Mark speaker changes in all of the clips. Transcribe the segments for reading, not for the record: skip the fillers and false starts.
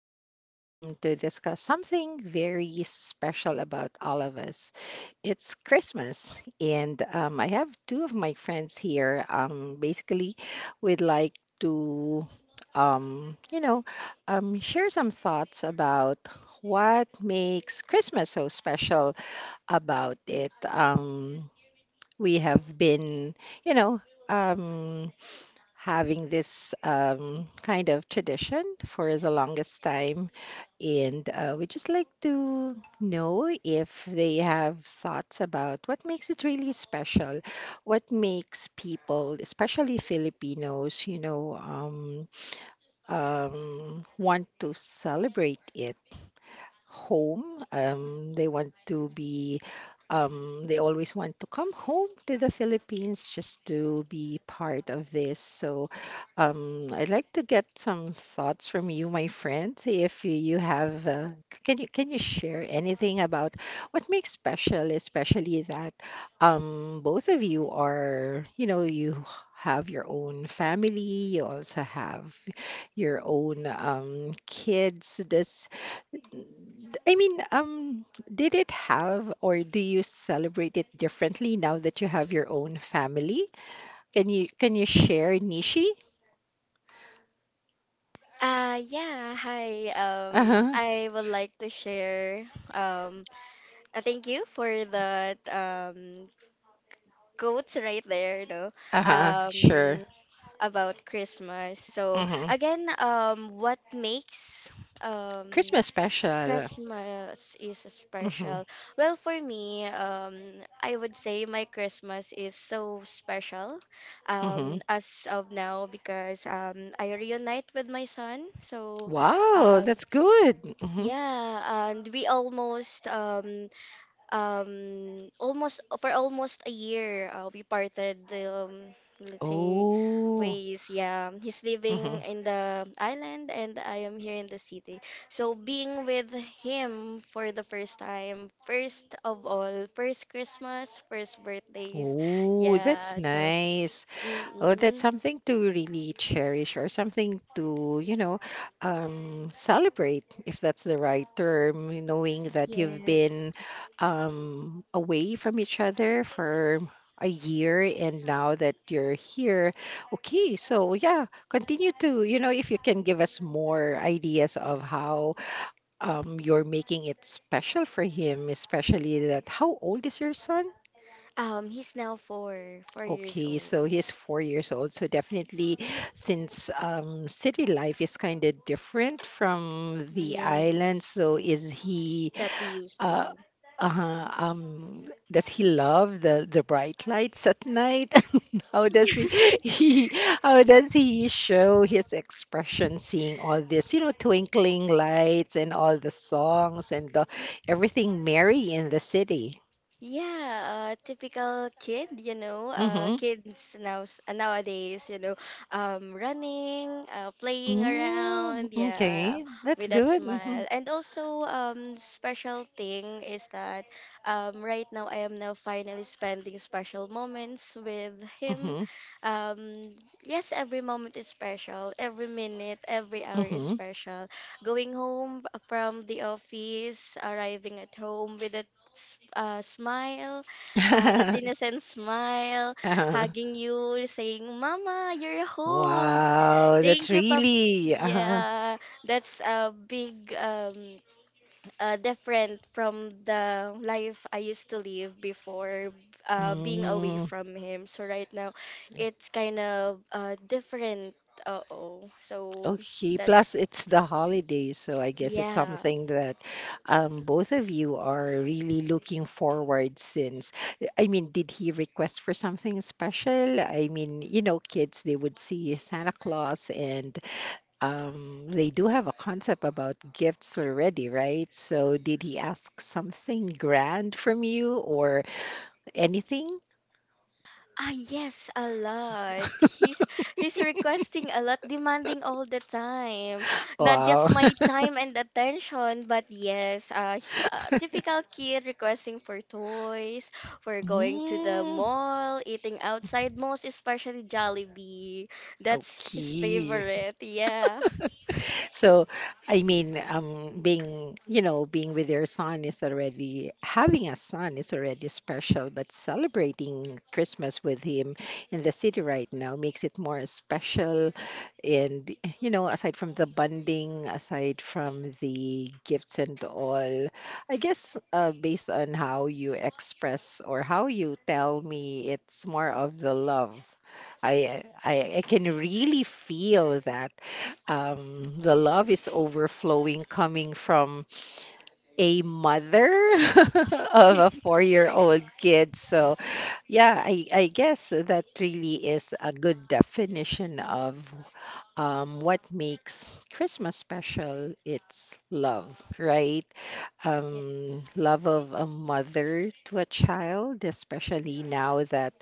Speaker 1: talk to discuss something very special about all of us. It's Christmas, and I have two of my friends here. Basically, we'd like to, um, you know, share some thoughts about what makes Christmas so special about it. We have been, you know, um, having this kind of tradition for the longest time. And we just like to know if they have thoughts about what makes it really special, what makes people, especially Filipinos, want to celebrate it home. They want to be, they always want to come home to the Philippines just to be part of this. So, I'd like to get some thoughts from you, my friend. See if you have, can you share anything about what makes special, especially that both of you are, you know, you have your own family, you also have your own kids. Does I mean, did it have or do you celebrate it differently now that you have your own family? Can you share Nishi?
Speaker 2: Yeah, hi.
Speaker 1: Uh-huh.
Speaker 2: I would like to share thank you for that quotes right there, no.
Speaker 1: Uh-huh. Sure.
Speaker 2: Um about Christmas. So
Speaker 1: Mm-hmm.
Speaker 2: again, what makes um
Speaker 1: Christmas special.
Speaker 2: Christmas is
Speaker 1: Mm-hmm.
Speaker 2: special. Well, for me, I would say my Christmas is so special
Speaker 1: Mm-hmm.
Speaker 2: as of now because I reunite with my son. So
Speaker 1: Wow,
Speaker 2: um
Speaker 1: that's good. Mm-hmm.
Speaker 2: yeah, and we almost almost for almost a year, we parted the let's say
Speaker 1: Oh.
Speaker 2: ways. Yeah, he's
Speaker 1: Mm-hmm.
Speaker 2: living in the island and I am here in the city. So being with him for the first time, first of all, first Christmas, first birthdays.
Speaker 1: Oh, that's
Speaker 2: Yeah, so
Speaker 1: nice. Oh, that's
Speaker 2: mm-mm,
Speaker 1: something to really cherish or something to, you know, celebrate, if that's the right term, knowing that you've
Speaker 2: yes.
Speaker 1: been away from each other for a year and now that you're here. Okay, so yeah, continue to, if you can give us more ideas of how you're making it special for him, especially that how old is your son?
Speaker 2: He's now four years
Speaker 1: Okay, so
Speaker 2: old.
Speaker 1: he's 4 years old. So definitely, since city life is kind of different from the island.
Speaker 2: Yes.
Speaker 1: So is he
Speaker 2: That we used
Speaker 1: uh,
Speaker 2: to.
Speaker 1: uh, um, does he love the bright lights at night? How does he,
Speaker 2: Yeah.
Speaker 1: he how does he show his expression seeing all this, you know, twinkling lights and all the songs and the everything merry in the city?
Speaker 2: Yeah, typical kid, you know,
Speaker 1: Mm-hmm.
Speaker 2: kids nowadays, you know, running, playing
Speaker 1: Mm,
Speaker 2: around, yeah,
Speaker 1: okay, that's
Speaker 2: with that
Speaker 1: good. Mm-hmm.
Speaker 2: smile. And also, special thing is that, right now I am now finally spending special moments with him.
Speaker 1: Mm-hmm.
Speaker 2: Yes, every moment is special, every minute, every hour is
Speaker 1: Mm-hmm.
Speaker 2: special. Going home, from the office, arriving at home with a smile, that innocent smile,
Speaker 1: uh,
Speaker 2: hugging you, saying, "Mama, you're home.
Speaker 1: wow, that's
Speaker 2: Thank you, Papa."
Speaker 1: really
Speaker 2: Yeah, that's a big, different from the life I used to live before, being away
Speaker 1: mm,
Speaker 2: from him. So right now, it's kind of, different. Uh-oh. So
Speaker 1: okay. Plus,
Speaker 2: that's,
Speaker 1: it's the holidays, so I guess it's
Speaker 2: yeah.
Speaker 1: something that both of you are really looking forward since. I mean, did he request for something special? I mean, you know, kids, they would see Santa Claus and they do have a concept about gifts already, right? So, did he ask something grand from you or anything?
Speaker 2: Ah, yes, a lot. He's requesting a lot, demanding all the time. Not
Speaker 1: Wow.
Speaker 2: just my time and attention, but yes, typical kid requesting for toys, for going to the
Speaker 1: Mm,
Speaker 2: mall, eating outside, most especially Jollibee. That's his
Speaker 1: okay.
Speaker 2: favorite. Yeah.
Speaker 1: So, I mean, being, with your son is already, having a son is already special, but celebrating Christmas with him in the city right now makes it more special. And, you know, aside from the bonding, aside from the gifts and all, I guess based on how you express or how you tell me, it's more of the love I can really feel that the love is overflowing coming from a mother of a 4-year-old kid. So yeah, I guess that really is a good definition of what makes Christmas special. It's love, right?
Speaker 2: Yes.
Speaker 1: Love of a mother to a child, especially now that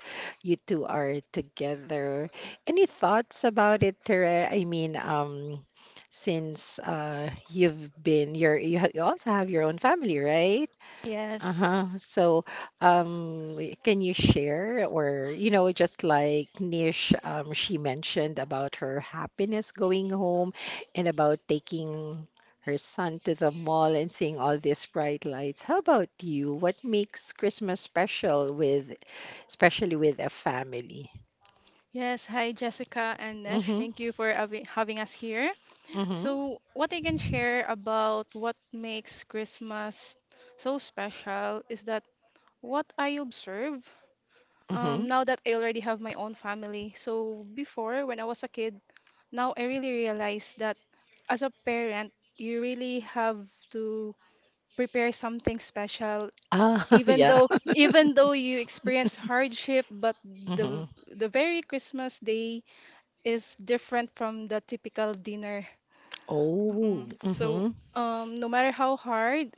Speaker 1: you two are together. Any thoughts about it, Tere? I mean, since you've been, you're, you ha- you also have your own family, right?
Speaker 3: Yes,
Speaker 1: Uh-huh. So, can you share, or you know, just like Nish, she mentioned about her happiness going home and about taking her son to the mall and seeing all these bright lights. How about you? What makes Christmas special with, especially with a family?
Speaker 3: yes. Hi, Jessica and Nesh.
Speaker 1: Mm-hmm.
Speaker 3: Thank you for having us here.
Speaker 1: Mm-hmm.
Speaker 3: So, what I can share about what makes Christmas so special is that what I observe
Speaker 1: Mm-hmm.
Speaker 3: now that I already have my own family. So, before when I was a kid, now I really realize that as a parent, you really have to prepare something special
Speaker 1: Ah,
Speaker 3: even
Speaker 1: yeah.
Speaker 3: though even though you experience hardship, but
Speaker 1: Mm-hmm.
Speaker 3: the very Christmas Day is different from the typical dinner.
Speaker 1: Oh.
Speaker 3: Mm. So,
Speaker 1: Mm-hmm.
Speaker 3: no matter how hard,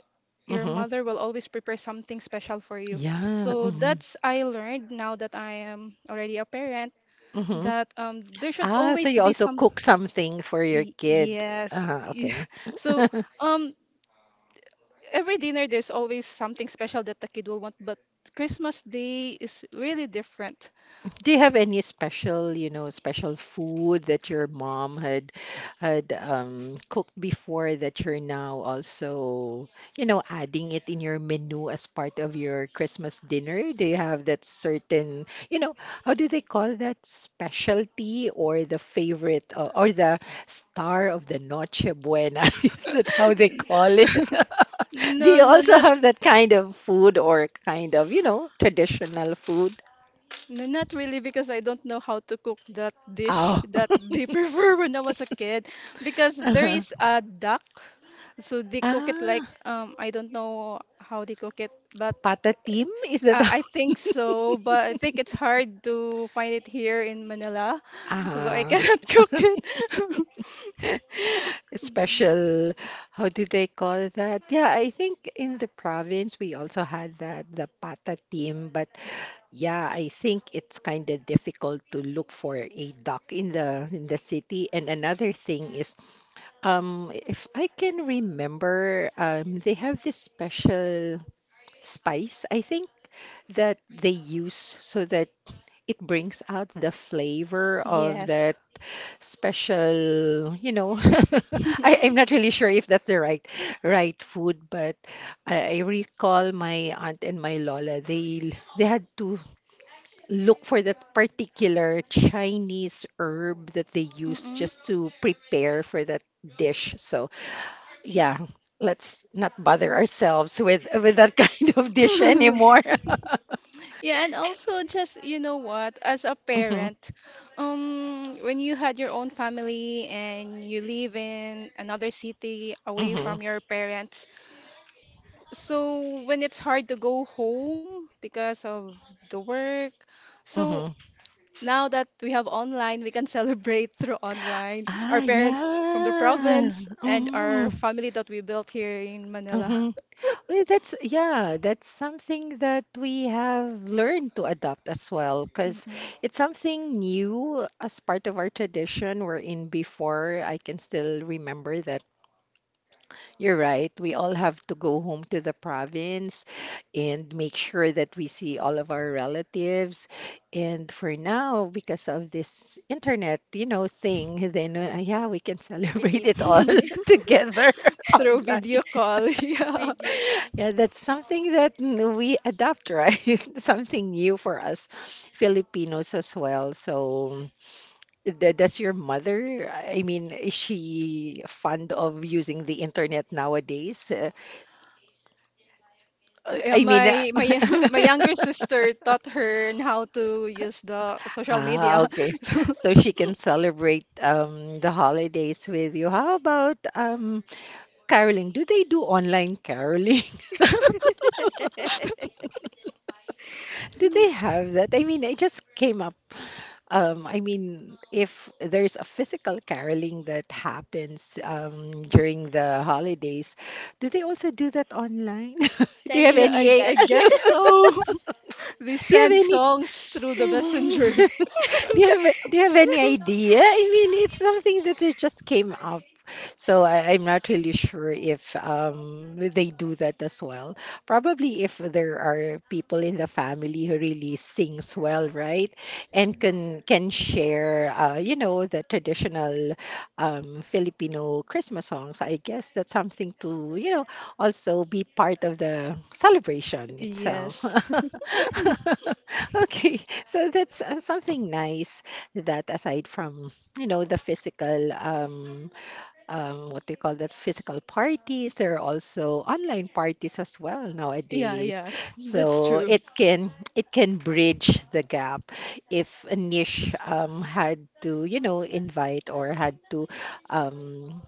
Speaker 3: your
Speaker 1: Hmm.
Speaker 3: mother will always prepare something special for you.
Speaker 1: Yeah.
Speaker 3: So
Speaker 1: Hmm.
Speaker 3: that's I learned now that I am already a parent
Speaker 1: Hmm.
Speaker 3: that there should
Speaker 1: Ah, so
Speaker 3: always
Speaker 1: you
Speaker 3: be
Speaker 1: also cook something for your kids.
Speaker 3: yes,
Speaker 1: Ah,
Speaker 3: yeah.
Speaker 1: okay.
Speaker 3: So, um, every dinner there's always something special that the kid will want, but Christmas Day is really different.
Speaker 1: Do you have any special, you know, special food that your mom had cooked before that you're now also, you know, adding it in your menu as part of your Christmas dinner? Do you have that certain, you know, how do they call that specialty or the favorite or the star of the Noche Buena? Is that how they call it? Do you
Speaker 3: No, no,
Speaker 1: also
Speaker 3: not.
Speaker 1: have that kind of food or kind of, you know, traditional food?
Speaker 3: No, not really, because I don't know how to cook that
Speaker 1: Oh.
Speaker 3: dish that they prefer when I was a kid. Because there
Speaker 1: Uh-huh.
Speaker 3: is a duck, so they cook it like
Speaker 1: Ah,
Speaker 3: I don't know how they cook it, but
Speaker 1: Pata team? Is that how?
Speaker 3: I think so. But I think it's hard to find it here in Manila, so I
Speaker 1: Ah,
Speaker 3: cannot cook it.
Speaker 1: special, how do they call that? Yeah, I think in the province we also had that, the Pata team, but yeah, I think it's kind of difficult to look for a duck in the city. And another thing is, if I can remember, they have this special spice, I think that they use so that it brings out the flavor of
Speaker 3: Yes.
Speaker 1: the special, you know. I'm not really sure if that's the right food, but I recall my aunt and my Lola, they had to look for that particular Chinese herb that they use
Speaker 3: Mm-mm.
Speaker 1: just to prepare for that dish. So yeah, let's not bother ourselves with that kind of dish anymore.
Speaker 3: Yeah, and also just you know what, as a
Speaker 1: Hmm.
Speaker 3: parent, when you had your own family and you live in another city away
Speaker 1: Hmm.
Speaker 3: from your parents, so when it's hard to go home because of the work, so
Speaker 1: Hmm.
Speaker 3: now that we have online, we can celebrate through online.
Speaker 1: Ah,
Speaker 3: Our parents from the
Speaker 1: yeah.
Speaker 3: province and our
Speaker 1: Mm-hmm,
Speaker 3: family that we built here in Manila.
Speaker 1: mm-hmm. Well, that's yeah, that's something that we have learned to adopt as well, because it's something new as part of our tradition. We're in
Speaker 3: Mm-mm.
Speaker 1: before I can still remember that. You're right. We all have to go home to the province and make sure that we see all of our relatives. And for now, because of this internet, you know, thing, then yeah, we can
Speaker 2: Been
Speaker 1: celebrate it
Speaker 2: easier.
Speaker 1: all together
Speaker 3: Through
Speaker 1: online.
Speaker 3: video call, yeah.
Speaker 2: Video call.
Speaker 1: Yeah, that's something that we adapt, right? Something new for us Filipinos as well. So, does your mother, I mean, is she fond of using the internet nowadays?
Speaker 3: Yeah,
Speaker 1: I mean,
Speaker 3: my my younger sister taught her how to use the social
Speaker 1: ah,
Speaker 3: media.
Speaker 1: okay.
Speaker 3: So,
Speaker 1: So she can celebrate the holidays with you. How about caroling? Do they do online caroling? Do they have that? I mean, I just came up. I mean, if there's a physical caroling that happens during the holidays, do they also do that online? Do you have
Speaker 2: Sending
Speaker 3: yeah, I
Speaker 1: any?
Speaker 3: I
Speaker 2: Gcash.
Speaker 3: guess
Speaker 1: Do
Speaker 3: so. They
Speaker 1: you have
Speaker 3: send
Speaker 1: any?
Speaker 3: songs through the
Speaker 1: Mhm.
Speaker 3: messenger.
Speaker 1: Do you have any idea? I mean, it's something that it just came up. So I'm not really sure if they do that as well. Probably if there are people in the family who really sings well, right? And can share, you know, the traditional Filipino Christmas songs. I guess that's something to, you know, also be part of the celebration itself.
Speaker 3: Yes.
Speaker 1: Okay. So that's something nice that aside from, you know, the physical, what do you call that, physical parties, there are also online parties as well
Speaker 3: Yeah,
Speaker 1: nowadays.
Speaker 3: yeah, that's
Speaker 1: So
Speaker 3: true.
Speaker 1: it can bridge the gap if a niche had to, you know, invite or had to um,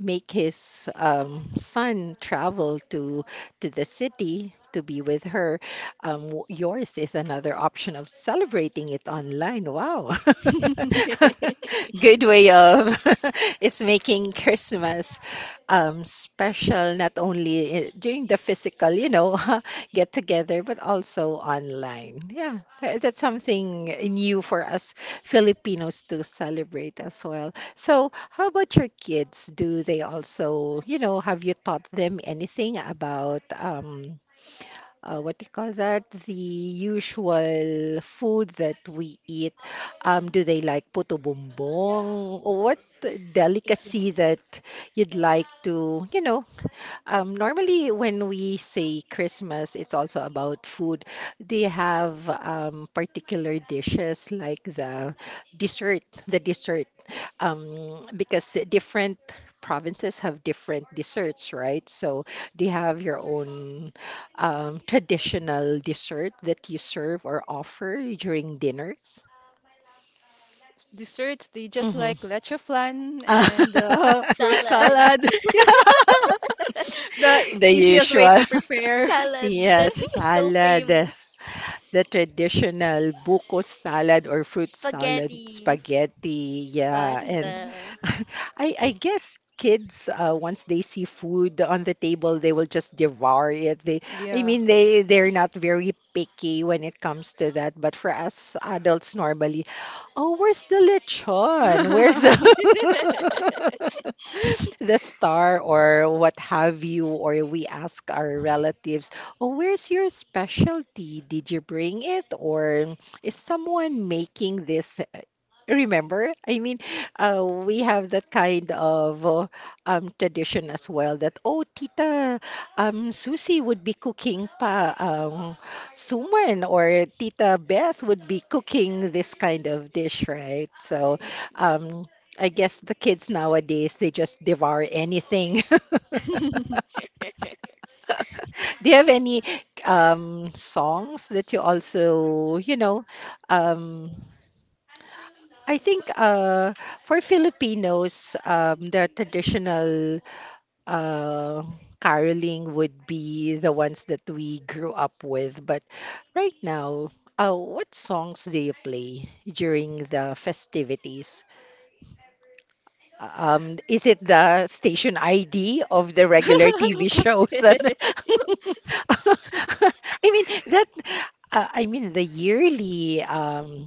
Speaker 1: make his son travel to the city to be with her. Yours is another option of celebrating it online. Wow, good way of it's making Christmas special not only during the physical, you know, get together, but also online. Yeah, that's something
Speaker 2: Mm,
Speaker 1: new for us Filipinos to celebrate as well. So, how about your kids? Do they also, you know, have you taught them anything about what do you call that? The usual food that we eat. Do they like puto bumbong? Or what delicacy that
Speaker 2: yes.
Speaker 1: you'd like to, you know, normally, when we say Christmas, it's also about food. They have particular dishes like the dessert, because different provinces have different desserts, right? So they have your own traditional dessert that you serve or offer during dinners.
Speaker 3: Desserts, they just
Speaker 1: Mhm.
Speaker 3: like leche flan and fruit salad.
Speaker 2: Salads.
Speaker 3: Yeah. The
Speaker 1: The
Speaker 3: easiest way
Speaker 1: usual.
Speaker 3: to prepare.
Speaker 2: Salad that
Speaker 1: Yes,
Speaker 2: is so
Speaker 1: salad, the,
Speaker 2: famous.
Speaker 1: the traditional buko salad or fruit salad,
Speaker 2: Spaghetti.
Speaker 1: spaghetti. Yeah,
Speaker 2: Pasta.
Speaker 1: and
Speaker 3: Mhm.
Speaker 1: I guess kids once they see food on the table, they will just devour it. I
Speaker 3: Yeah.
Speaker 1: mean, they're not very picky when it comes to that. But for us adults, normally, oh, where's the lechon? Where's the the star or what have you, or we ask our relatives, oh, where's your specialty? Did you bring it? Or is someone making this? Remember, I mean, we have that kind of tradition as well that, oh, Tita Susie would be cooking pa suman or Tita Beth would be cooking this kind of dish, right? So, um, I guess the kids nowadays they just devour anything. Do you have any songs that you also, you know, um, I think for Filipinos, the traditional uh, caroling would be the ones that we grew up with. But right now, what songs do you play during the festivities? Is it the station ID of the regular TV shows that I mean that I mean the yearly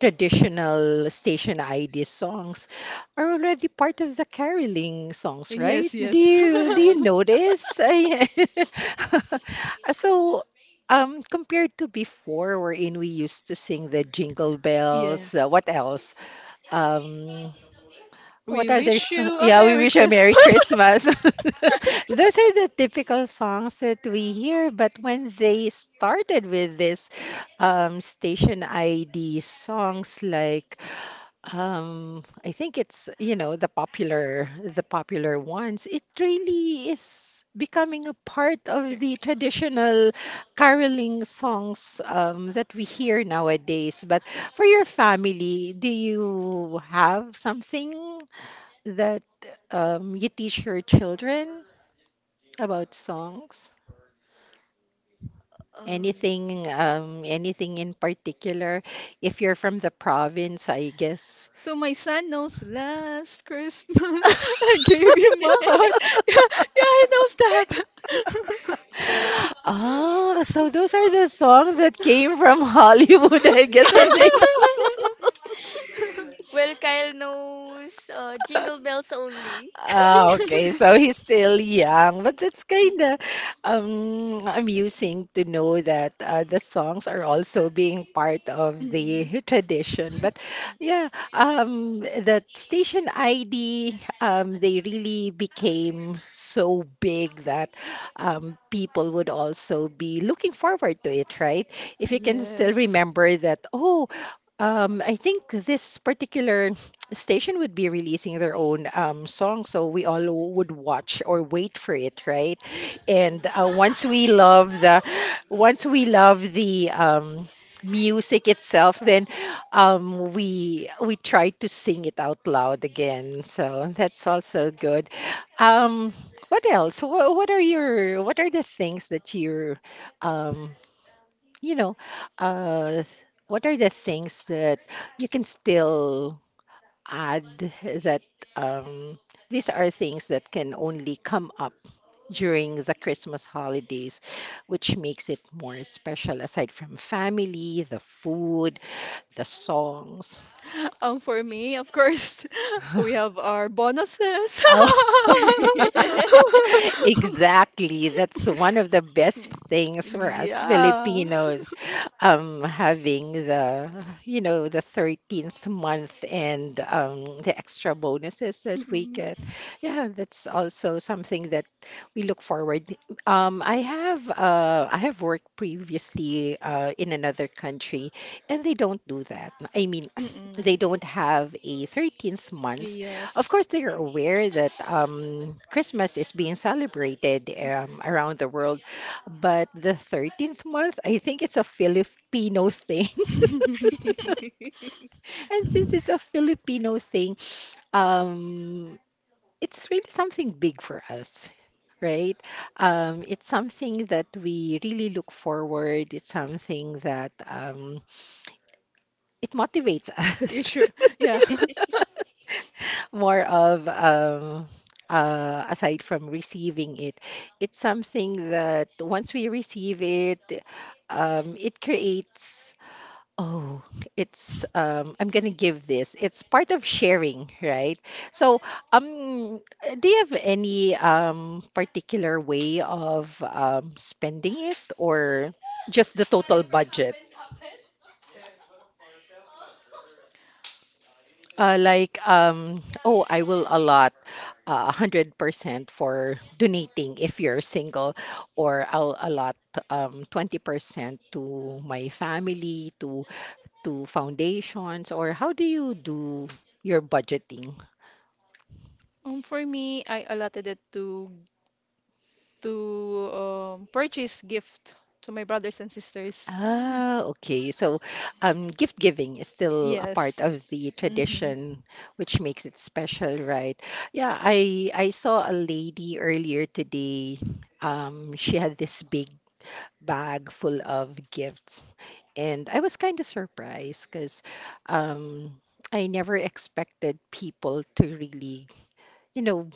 Speaker 1: traditional station ID songs are already part of the caroling songs, right?
Speaker 3: Yes,
Speaker 1: Do
Speaker 3: yes.
Speaker 1: you do you
Speaker 2: Yes.
Speaker 1: notice? I- So compared to before, wherein we used to sing the jingle
Speaker 3: Yeah,
Speaker 1: bells, what else? Um, what
Speaker 3: we
Speaker 1: are their
Speaker 3: wish
Speaker 1: so-
Speaker 3: you a
Speaker 1: Yeah, we
Speaker 3: merry
Speaker 1: wish a Merry
Speaker 3: Christmas.
Speaker 1: Christmas. Those are the typical songs that we hear, but when they started with this station ID songs like I think it's, you know, the popular ones. It really is becoming a part of the traditional caroling songs that we hear nowadays. But for your family, do you have something that you teach your children about songs?
Speaker 2: Um,
Speaker 1: Anything, anything in particular? If you're from the province, I guess.
Speaker 3: So my son knows last Christmas I gave you my heart. Yeah, yeah, he knows that.
Speaker 1: Ah, so those are the songs that came from Hollywood, I guess, from the...
Speaker 2: Well, Kyle knows, Jingle Bells only.
Speaker 1: Ah, okay. So he's still young, but that's kind
Speaker 2: Mm.
Speaker 1: of amusing to know that the songs are also being part of the
Speaker 3: Mm.
Speaker 1: tradition. But yeah, that station ID, they really became so big that people would also be looking forward to it, right? If you can still
Speaker 3: Yes.
Speaker 1: remember that, oh, I think this particular... the station would be releasing their own song, so we all would watch or wait for it, right? And once we love the, once we love the music itself, then we try to sing it out loud again. So that's also good. Um, what else? What are your... what are the things that you're, um, you know, uh, what are the things that you can still add that um, these are things that can only come up during the Christmas holidays, which makes it more special aside from family, the food, the songs.
Speaker 3: For me, of course, we have our bonuses.
Speaker 2: Mm,
Speaker 1: Exactly. That's one of the best things for us
Speaker 3: Yeah.
Speaker 1: Filipinos, having the, you know, the 13th month and the extra bonuses that we
Speaker 3: Mm-mm.
Speaker 1: get. Yeah, that's also something that we look forward. I have worked previously in another country, and they don't do that. I mean,
Speaker 3: Mm-mm.
Speaker 1: they don't have a 13th month. Of
Speaker 3: Yes.
Speaker 1: course, they are aware that Christmas is being celebrated around the world, but the 13th month, I think it's a Filipino thing.
Speaker 2: mm.
Speaker 1: And since it's a Filipino thing, um, it's really something big for us. Right? It's something that we really look forward. It's something that it motivates
Speaker 3: You
Speaker 1: us.
Speaker 3: sure? Yeah.
Speaker 1: More of aside from receiving it, it's something that once we receive it, it creates. Oh, it's I'm gonna give this. It's part of sharing, right? So, um, do you have any particular way of spending it, or just the total budget? Like, oh, I will allot 100% for donating if you're single, or I'll allot 20% to my family, to foundations, or how do you do your budgeting?
Speaker 3: For me, I allotted it to purchase gift to my brothers and sisters.
Speaker 1: Ah, okay. So, gift giving is still a part
Speaker 3: Yes.
Speaker 1: of the
Speaker 3: Mm-hmm.
Speaker 1: tradition, which makes it special, right? Yeah, I saw a lady earlier today. She had this big bag full of gifts. And I was kind of surprised because um, I never expected people to really, you know,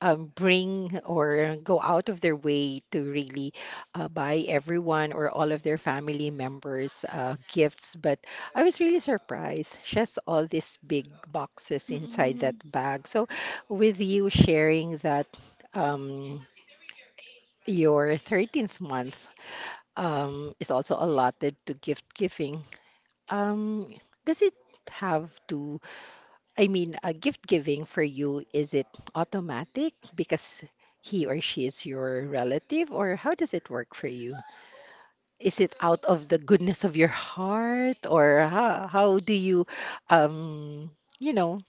Speaker 1: bring or go out of their way to really buy everyone or all of their family members gifts. But I was really surprised. She has all these big boxes inside that
Speaker 3: Mm-mm.
Speaker 1: bag. So, with you sharing that um, your 13th month is also allotted to gift giving. Um, does it have to, I mean, gift giving for you, is it automatic because he or she is your relative, or how does it work for you? Is it out of the goodness of your heart, or how do you, um, you know,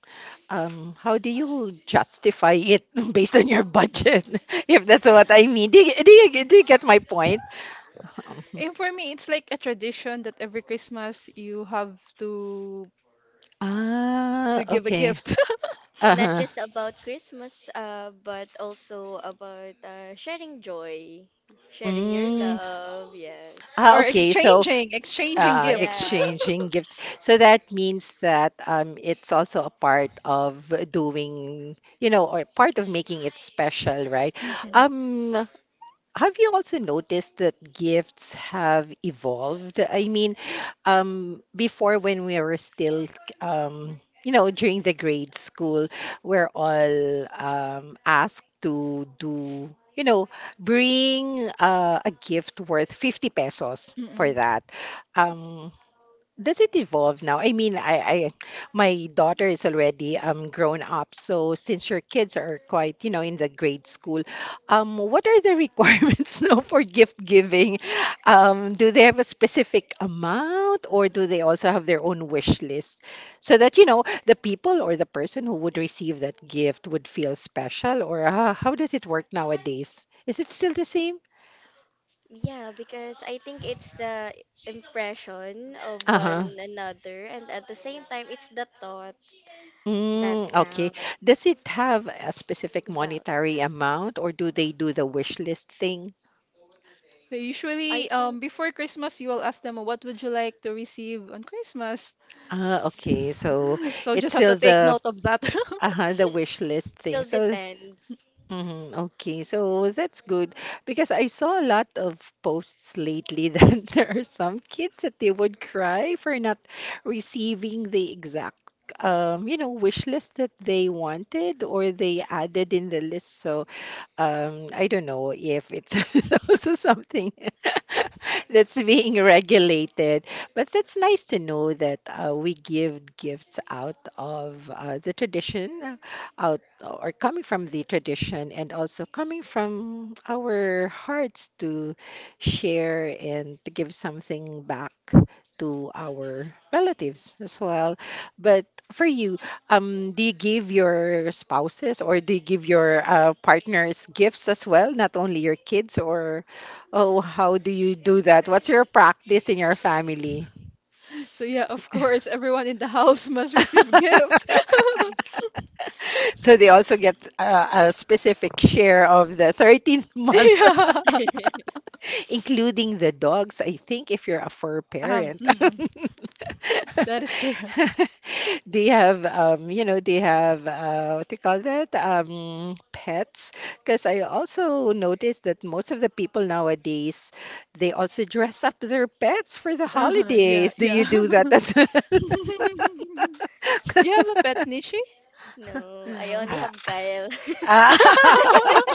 Speaker 1: how do you justify it based on your budget, if that's what I mean? Do you get my point?
Speaker 3: And for me, it's like a tradition that every Christmas you have to
Speaker 1: Ah,
Speaker 3: give a
Speaker 1: okay.
Speaker 3: gift.
Speaker 2: Not
Speaker 1: Uh-huh.
Speaker 2: just about Christmas, but also about sharing joy, sharing your
Speaker 1: Mm.
Speaker 2: love. Yes.
Speaker 1: Ah,
Speaker 3: Or
Speaker 1: okay. So,
Speaker 3: exchanging, exchanging gifts.
Speaker 2: Yeah.
Speaker 1: exchanging gifts. So that means that it's also a part of doing, you know, or part of making it special, right?
Speaker 3: Hmm.
Speaker 2: Yes.
Speaker 1: Um, have you also noticed that gifts have evolved? I mean, before when we were still, you know, during the grade school, we're all asked to do, you know, bring a gift worth 50 pesos for that. Um, does it evolve now? I mean, I my daughter is already grown up, so since your kids are quite, you know, in the grade school, what are the requirements now for gift giving? Do they have a specific amount or do they also have their own wish list so that, you know, the people or the person who would receive that gift would feel special or how does it work nowadays? Is it still the same?
Speaker 2: Yeah, because I think it's the impression of
Speaker 1: Uh-huh.
Speaker 2: one another, and at the same time, it's the thought that
Speaker 1: Mm, okay. Does
Speaker 2: counts.
Speaker 1: it have a specific
Speaker 2: Well,
Speaker 1: monetary amount or do they do the wish list thing?
Speaker 3: So
Speaker 2: I
Speaker 3: usually,
Speaker 2: think
Speaker 3: before Christmas, you will ask them, what would you like to receive on Christmas?
Speaker 1: Ah, okay. So
Speaker 3: So
Speaker 1: it's
Speaker 3: just have to
Speaker 1: still
Speaker 3: take note of that.
Speaker 1: the wish list thing.
Speaker 2: still
Speaker 1: So
Speaker 2: depends.
Speaker 1: mhm, okay. So that's good because I saw a lot of posts lately that there are some kids that they would cry for not receiving the exact you know, wish list that they wanted or they added in the list. So um, I don't know if it's also something that's being regulated, but that's nice to know that we give gifts out of the tradition, out or coming from the tradition, and also coming from our hearts to share and to give something back to our relatives as well. But for you, do you give your spouses or do you give your partners gifts as well, not only your kids or oh, how do you do that? What's your practice in your family?
Speaker 3: So yeah, of course, everyone in the house must receive gift.
Speaker 1: So they also get a specific share of the 13th month.
Speaker 3: Yeah.
Speaker 1: Including the dogs, I think, if you're a fur
Speaker 3: Um,
Speaker 1: parent.
Speaker 3: mm, that is correct.
Speaker 1: They have, you know, they have, what do you call that? Pets. Because I also noticed that most of the people nowadays, they also dress up their pets for the
Speaker 3: Uh-huh, yeah,
Speaker 1: holidays. Do you
Speaker 3: yeah.
Speaker 1: do that as well?
Speaker 3: You have a pet, Nishi?
Speaker 2: No, I
Speaker 3: No.
Speaker 2: only
Speaker 1: Ah,
Speaker 2: have Kyle.
Speaker 1: ah.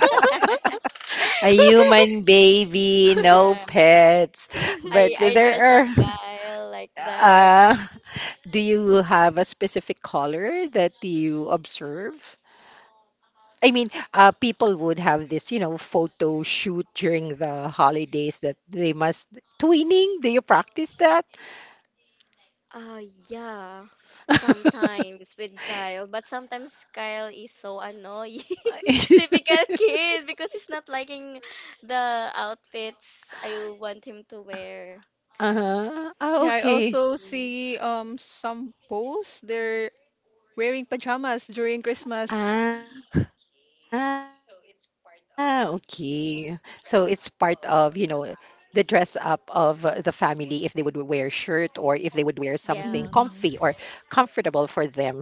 Speaker 1: A human baby, no
Speaker 2: Yeah.
Speaker 1: pets. But
Speaker 2: I dress
Speaker 1: there
Speaker 2: up
Speaker 1: are.
Speaker 2: Kyle like that.
Speaker 1: Uh, do you have a specific color that you observe? I mean, people would have this, you know, photo shoot during the holidays that they must twinning. Do you practice that?
Speaker 2: Uh, yeah, sometimes with Kyle, but sometimes Kyle is so annoying. Typical kid because he's not liking the outfits I want him to wear.
Speaker 1: Uh-huh. Ah,
Speaker 3: Yeah, I
Speaker 1: okay.
Speaker 3: also
Speaker 2: Mm,
Speaker 3: see some posts they're wearing pajamas during Christmas.
Speaker 1: Ah, okay. So it's part of, you know, the dress up of the family if they would w- wear shirt or if they would wear something comfy or
Speaker 2: yeah,
Speaker 3: Mhm.
Speaker 1: comfortable for them. That's good.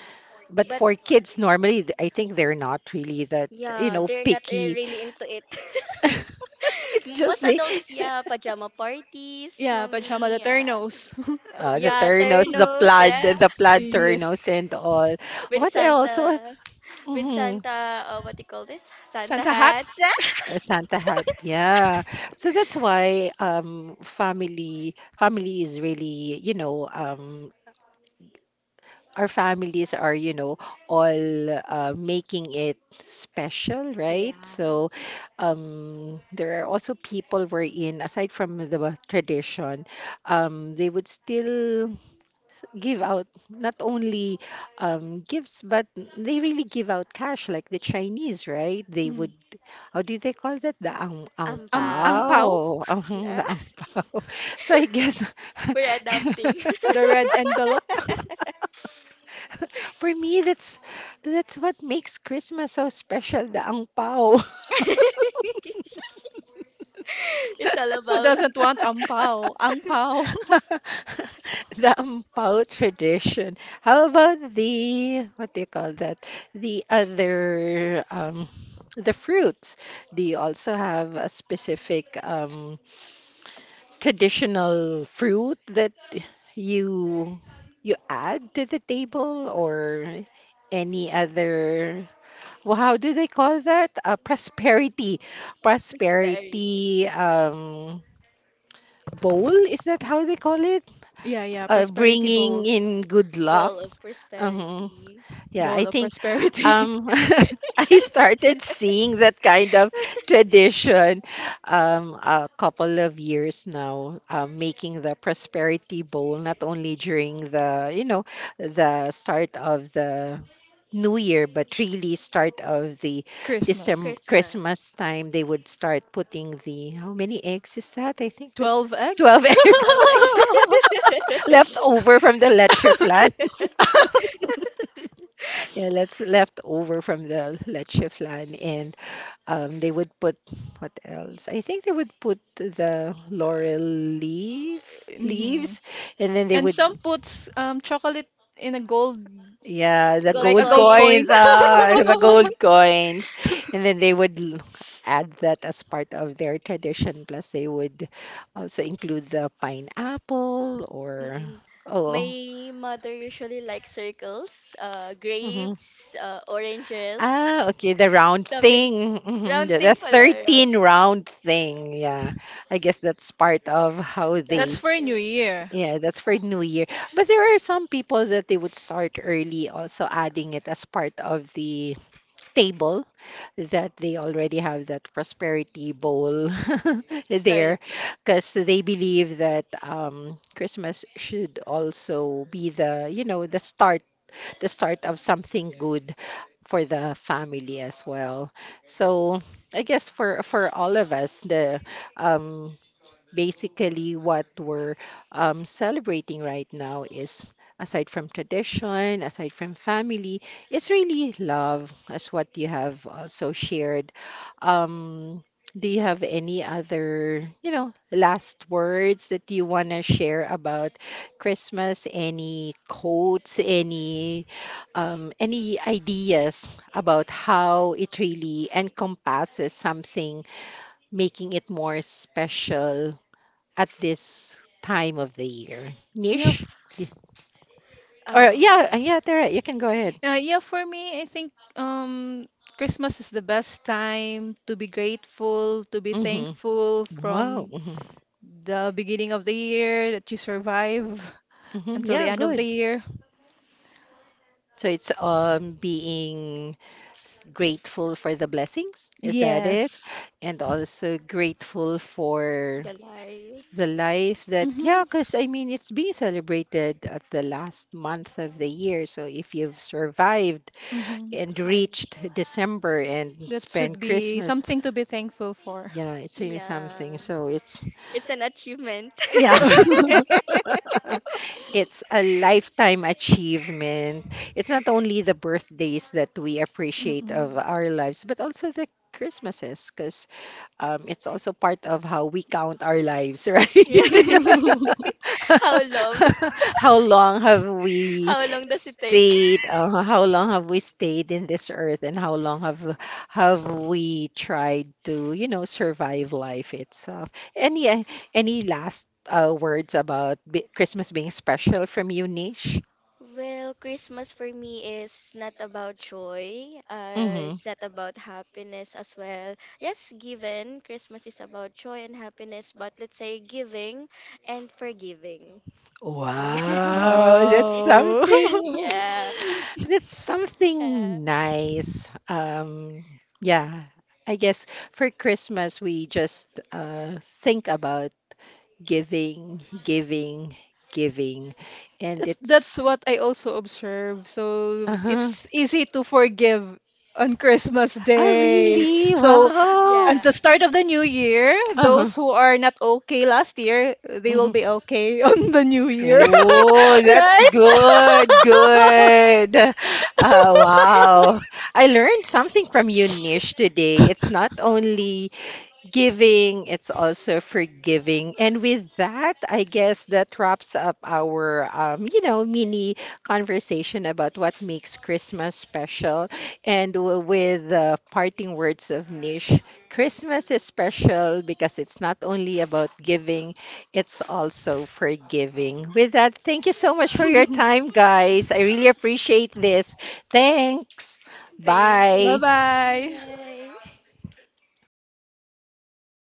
Speaker 1: But for
Speaker 2: but
Speaker 1: kids, normally, th- I think they're not really that, you know,
Speaker 2: yeah, they're not
Speaker 1: picky.
Speaker 2: eh, really into it.
Speaker 1: It's just
Speaker 2: Most adults, yeah, pajama parties,
Speaker 3: Yeah, pajama the
Speaker 2: mommy, yeah,
Speaker 3: turnos.
Speaker 1: the
Speaker 2: yeah,
Speaker 1: turnos, the
Speaker 2: ternos,
Speaker 1: plaid,
Speaker 2: yeah,
Speaker 1: the plaid
Speaker 3: Yes.
Speaker 1: turnos and all.
Speaker 2: with
Speaker 1: What else? What,
Speaker 2: Santa,
Speaker 1: mm-hmm.
Speaker 2: What do you call this? Santa
Speaker 3: Santa hat.
Speaker 2: hats.
Speaker 1: A Santa hat, yeah. So that's why family is really, you know, our families are, you know, all making it special, right?
Speaker 2: Yeah.
Speaker 1: So there are also people wherein aside from the tradition, they would still give out not only gifts, but they really give out cash, like the Chinese, right? They
Speaker 3: Mm.
Speaker 1: would, how do they call that? The ang
Speaker 3: Ang ang
Speaker 2: Ampaw.
Speaker 3: pao,
Speaker 1: pao. Ang,
Speaker 2: Yeah,
Speaker 1: the ang pao. So I guess
Speaker 2: we're adapting.
Speaker 3: the red envelope.
Speaker 1: for me, that's what makes Christmas so special, the ang pao.
Speaker 2: It's all
Speaker 3: Who
Speaker 2: about
Speaker 3: doesn't want ang pao? Ang pao.
Speaker 1: The ampao tradition. How about the, what do you call that? The other, the fruits. Do you also have a specific traditional fruit that you you add to the table or any other? Well, how do they call that? Prosperity,
Speaker 2: prosperity.
Speaker 1: prosperity um, bowl. Is that how they call it?
Speaker 3: Yeah, yeah,
Speaker 1: Uh,
Speaker 3: prosperity bowl.
Speaker 1: bringing in good luck.
Speaker 2: Ball of
Speaker 1: Hmm.
Speaker 2: prosperity.
Speaker 1: Yeah,
Speaker 3: Bowl
Speaker 1: I
Speaker 3: of
Speaker 1: think
Speaker 3: prosperity.
Speaker 1: um, I started seeing that kind of tradition a couple of years now, making the prosperity bowl not only during the, you know, the start of the New Year, but really start of the December
Speaker 3: Christmas.
Speaker 2: Christmas.
Speaker 1: Christmas time, they would start putting the how many eggs is that? I think that's
Speaker 3: 12
Speaker 1: 12
Speaker 3: eggs.
Speaker 2: Well,
Speaker 1: eggs
Speaker 2: eggs,
Speaker 1: left over from the leche flan. Yeah, that's left over from the leche flan, and they would put what else? I think they would put the laurel leaf
Speaker 3: Hmm.
Speaker 1: leaves, and then they
Speaker 3: And
Speaker 1: would
Speaker 3: some puts chocolate in a gold,
Speaker 1: yeah the
Speaker 2: gold
Speaker 3: like a
Speaker 1: gold
Speaker 3: gold coin.
Speaker 2: coins.
Speaker 1: coins ah the gold coins, and then they would l- add that as part of their tradition. Plus, they would also include the pineapple or
Speaker 2: Mm-mm.
Speaker 1: oh.
Speaker 2: My mother usually likes circles,
Speaker 1: Mm-hmm.
Speaker 2: grapes, oranges,
Speaker 1: Ah, okay, the round
Speaker 2: something s-
Speaker 1: thing. Mhm.
Speaker 2: round
Speaker 1: The
Speaker 2: thing pala,
Speaker 1: 13 round thing. Yeah. I guess that's part of how
Speaker 3: That's
Speaker 1: they,
Speaker 2: round
Speaker 3: for New
Speaker 2: thing.
Speaker 3: Year.
Speaker 1: yeah, that's for New Year. But there are some people that they would start early, also adding it as part of the table that they already have that prosperity bowl there
Speaker 2: Start,
Speaker 1: because they believe that Christmas should also be the, you know, the start of something good for the family as well. So I guess for all of us, the um, basically what we're celebrating right now is aside from tradition aside from family it's really love as what you have also shared. um, do you have any other, you know, last words that you want to share about Christmas, any quotes, any ideas about how it really encompasses something making it more special at this time of the year.
Speaker 3: Yeah,
Speaker 1: Niche?
Speaker 3: f-
Speaker 1: Y- Or
Speaker 2: um
Speaker 1: yeah, yeah, Tara, you can go ahead.
Speaker 3: uh, yeah. For me, I think Christmas is the best time to be grateful, to be
Speaker 1: Mm-hmm.
Speaker 3: thankful
Speaker 1: Wow.
Speaker 3: from
Speaker 1: Mm-hmm.
Speaker 3: the beginning of the year that you survive
Speaker 1: Mm-hmm.
Speaker 3: until the
Speaker 1: Yeah,
Speaker 3: end of the
Speaker 1: good.
Speaker 3: year.
Speaker 1: So it's being grateful for the blessings. Is that it?
Speaker 3: Yes.
Speaker 1: And also grateful for
Speaker 2: the
Speaker 1: the
Speaker 2: life.
Speaker 1: life that yeah,
Speaker 3: Mm-hmm.
Speaker 1: because I mean it's being celebrated at the last month of the year. So if you've survived
Speaker 3: Mm-hmm.
Speaker 1: and
Speaker 2: Hal-
Speaker 1: reached December and
Speaker 3: That should
Speaker 1: spent
Speaker 3: be
Speaker 1: Christmas.
Speaker 3: something to be thankful for.
Speaker 1: Yeah, it's really
Speaker 2: Yeah,
Speaker 1: something. So it's
Speaker 2: it's an achievement.
Speaker 1: yeah. It's a lifetime achievement. It's not only the birthdays that we appreciate of
Speaker 3: Mm-mm.
Speaker 1: our lives, but also the Christmases, because it's also part of how we count our lives, right?
Speaker 2: How long?
Speaker 1: How long have we
Speaker 2: How long does it take?
Speaker 1: stayed? How long have we stayed in this earth, and how long have we tried to, you know, survive life itself? Any last words about b Christmas being special from you, Nish?
Speaker 2: Well, Christmas for me is not about joy.
Speaker 1: Mm-hmm.
Speaker 2: It's not about happiness as well. Yes, given. Christmas is about joy and happiness, but let's say giving and forgiving.
Speaker 1: Wow, that's
Speaker 3: Oh.
Speaker 1: something.
Speaker 2: Yeah.
Speaker 1: That's something nice. Yeah, I guess for Christmas we just think about giving, giving, giving, and
Speaker 3: That's
Speaker 1: it's.
Speaker 3: what I also observe. So
Speaker 1: Uh-huh.
Speaker 3: it's easy to forgive on Christmas
Speaker 1: Oh,
Speaker 2: Yeah.
Speaker 3: Day.
Speaker 1: really?
Speaker 3: So
Speaker 1: Wow.
Speaker 2: Yeah.
Speaker 3: at the start of the new year,
Speaker 1: Uh-huh.
Speaker 3: those who are not okay last year, they will
Speaker 1: Mhm.
Speaker 3: be okay on the new year,
Speaker 1: Oh, that's
Speaker 3: right?
Speaker 1: good. Good. Wow. I learned something from you, Nish, today. It's not only giving, it's also forgiving. And with that, I guess that wraps up our, you know, mini conversation about what makes Christmas special. And w- with the parting words of Nish, Christmas is special because it's not only about giving, it's also forgiving. With that, thank you so much for your time, guys. I really appreciate this. Thanks.
Speaker 2: Thank
Speaker 1: Bye.
Speaker 2: you.
Speaker 3: Bye-bye.
Speaker 2: Bye.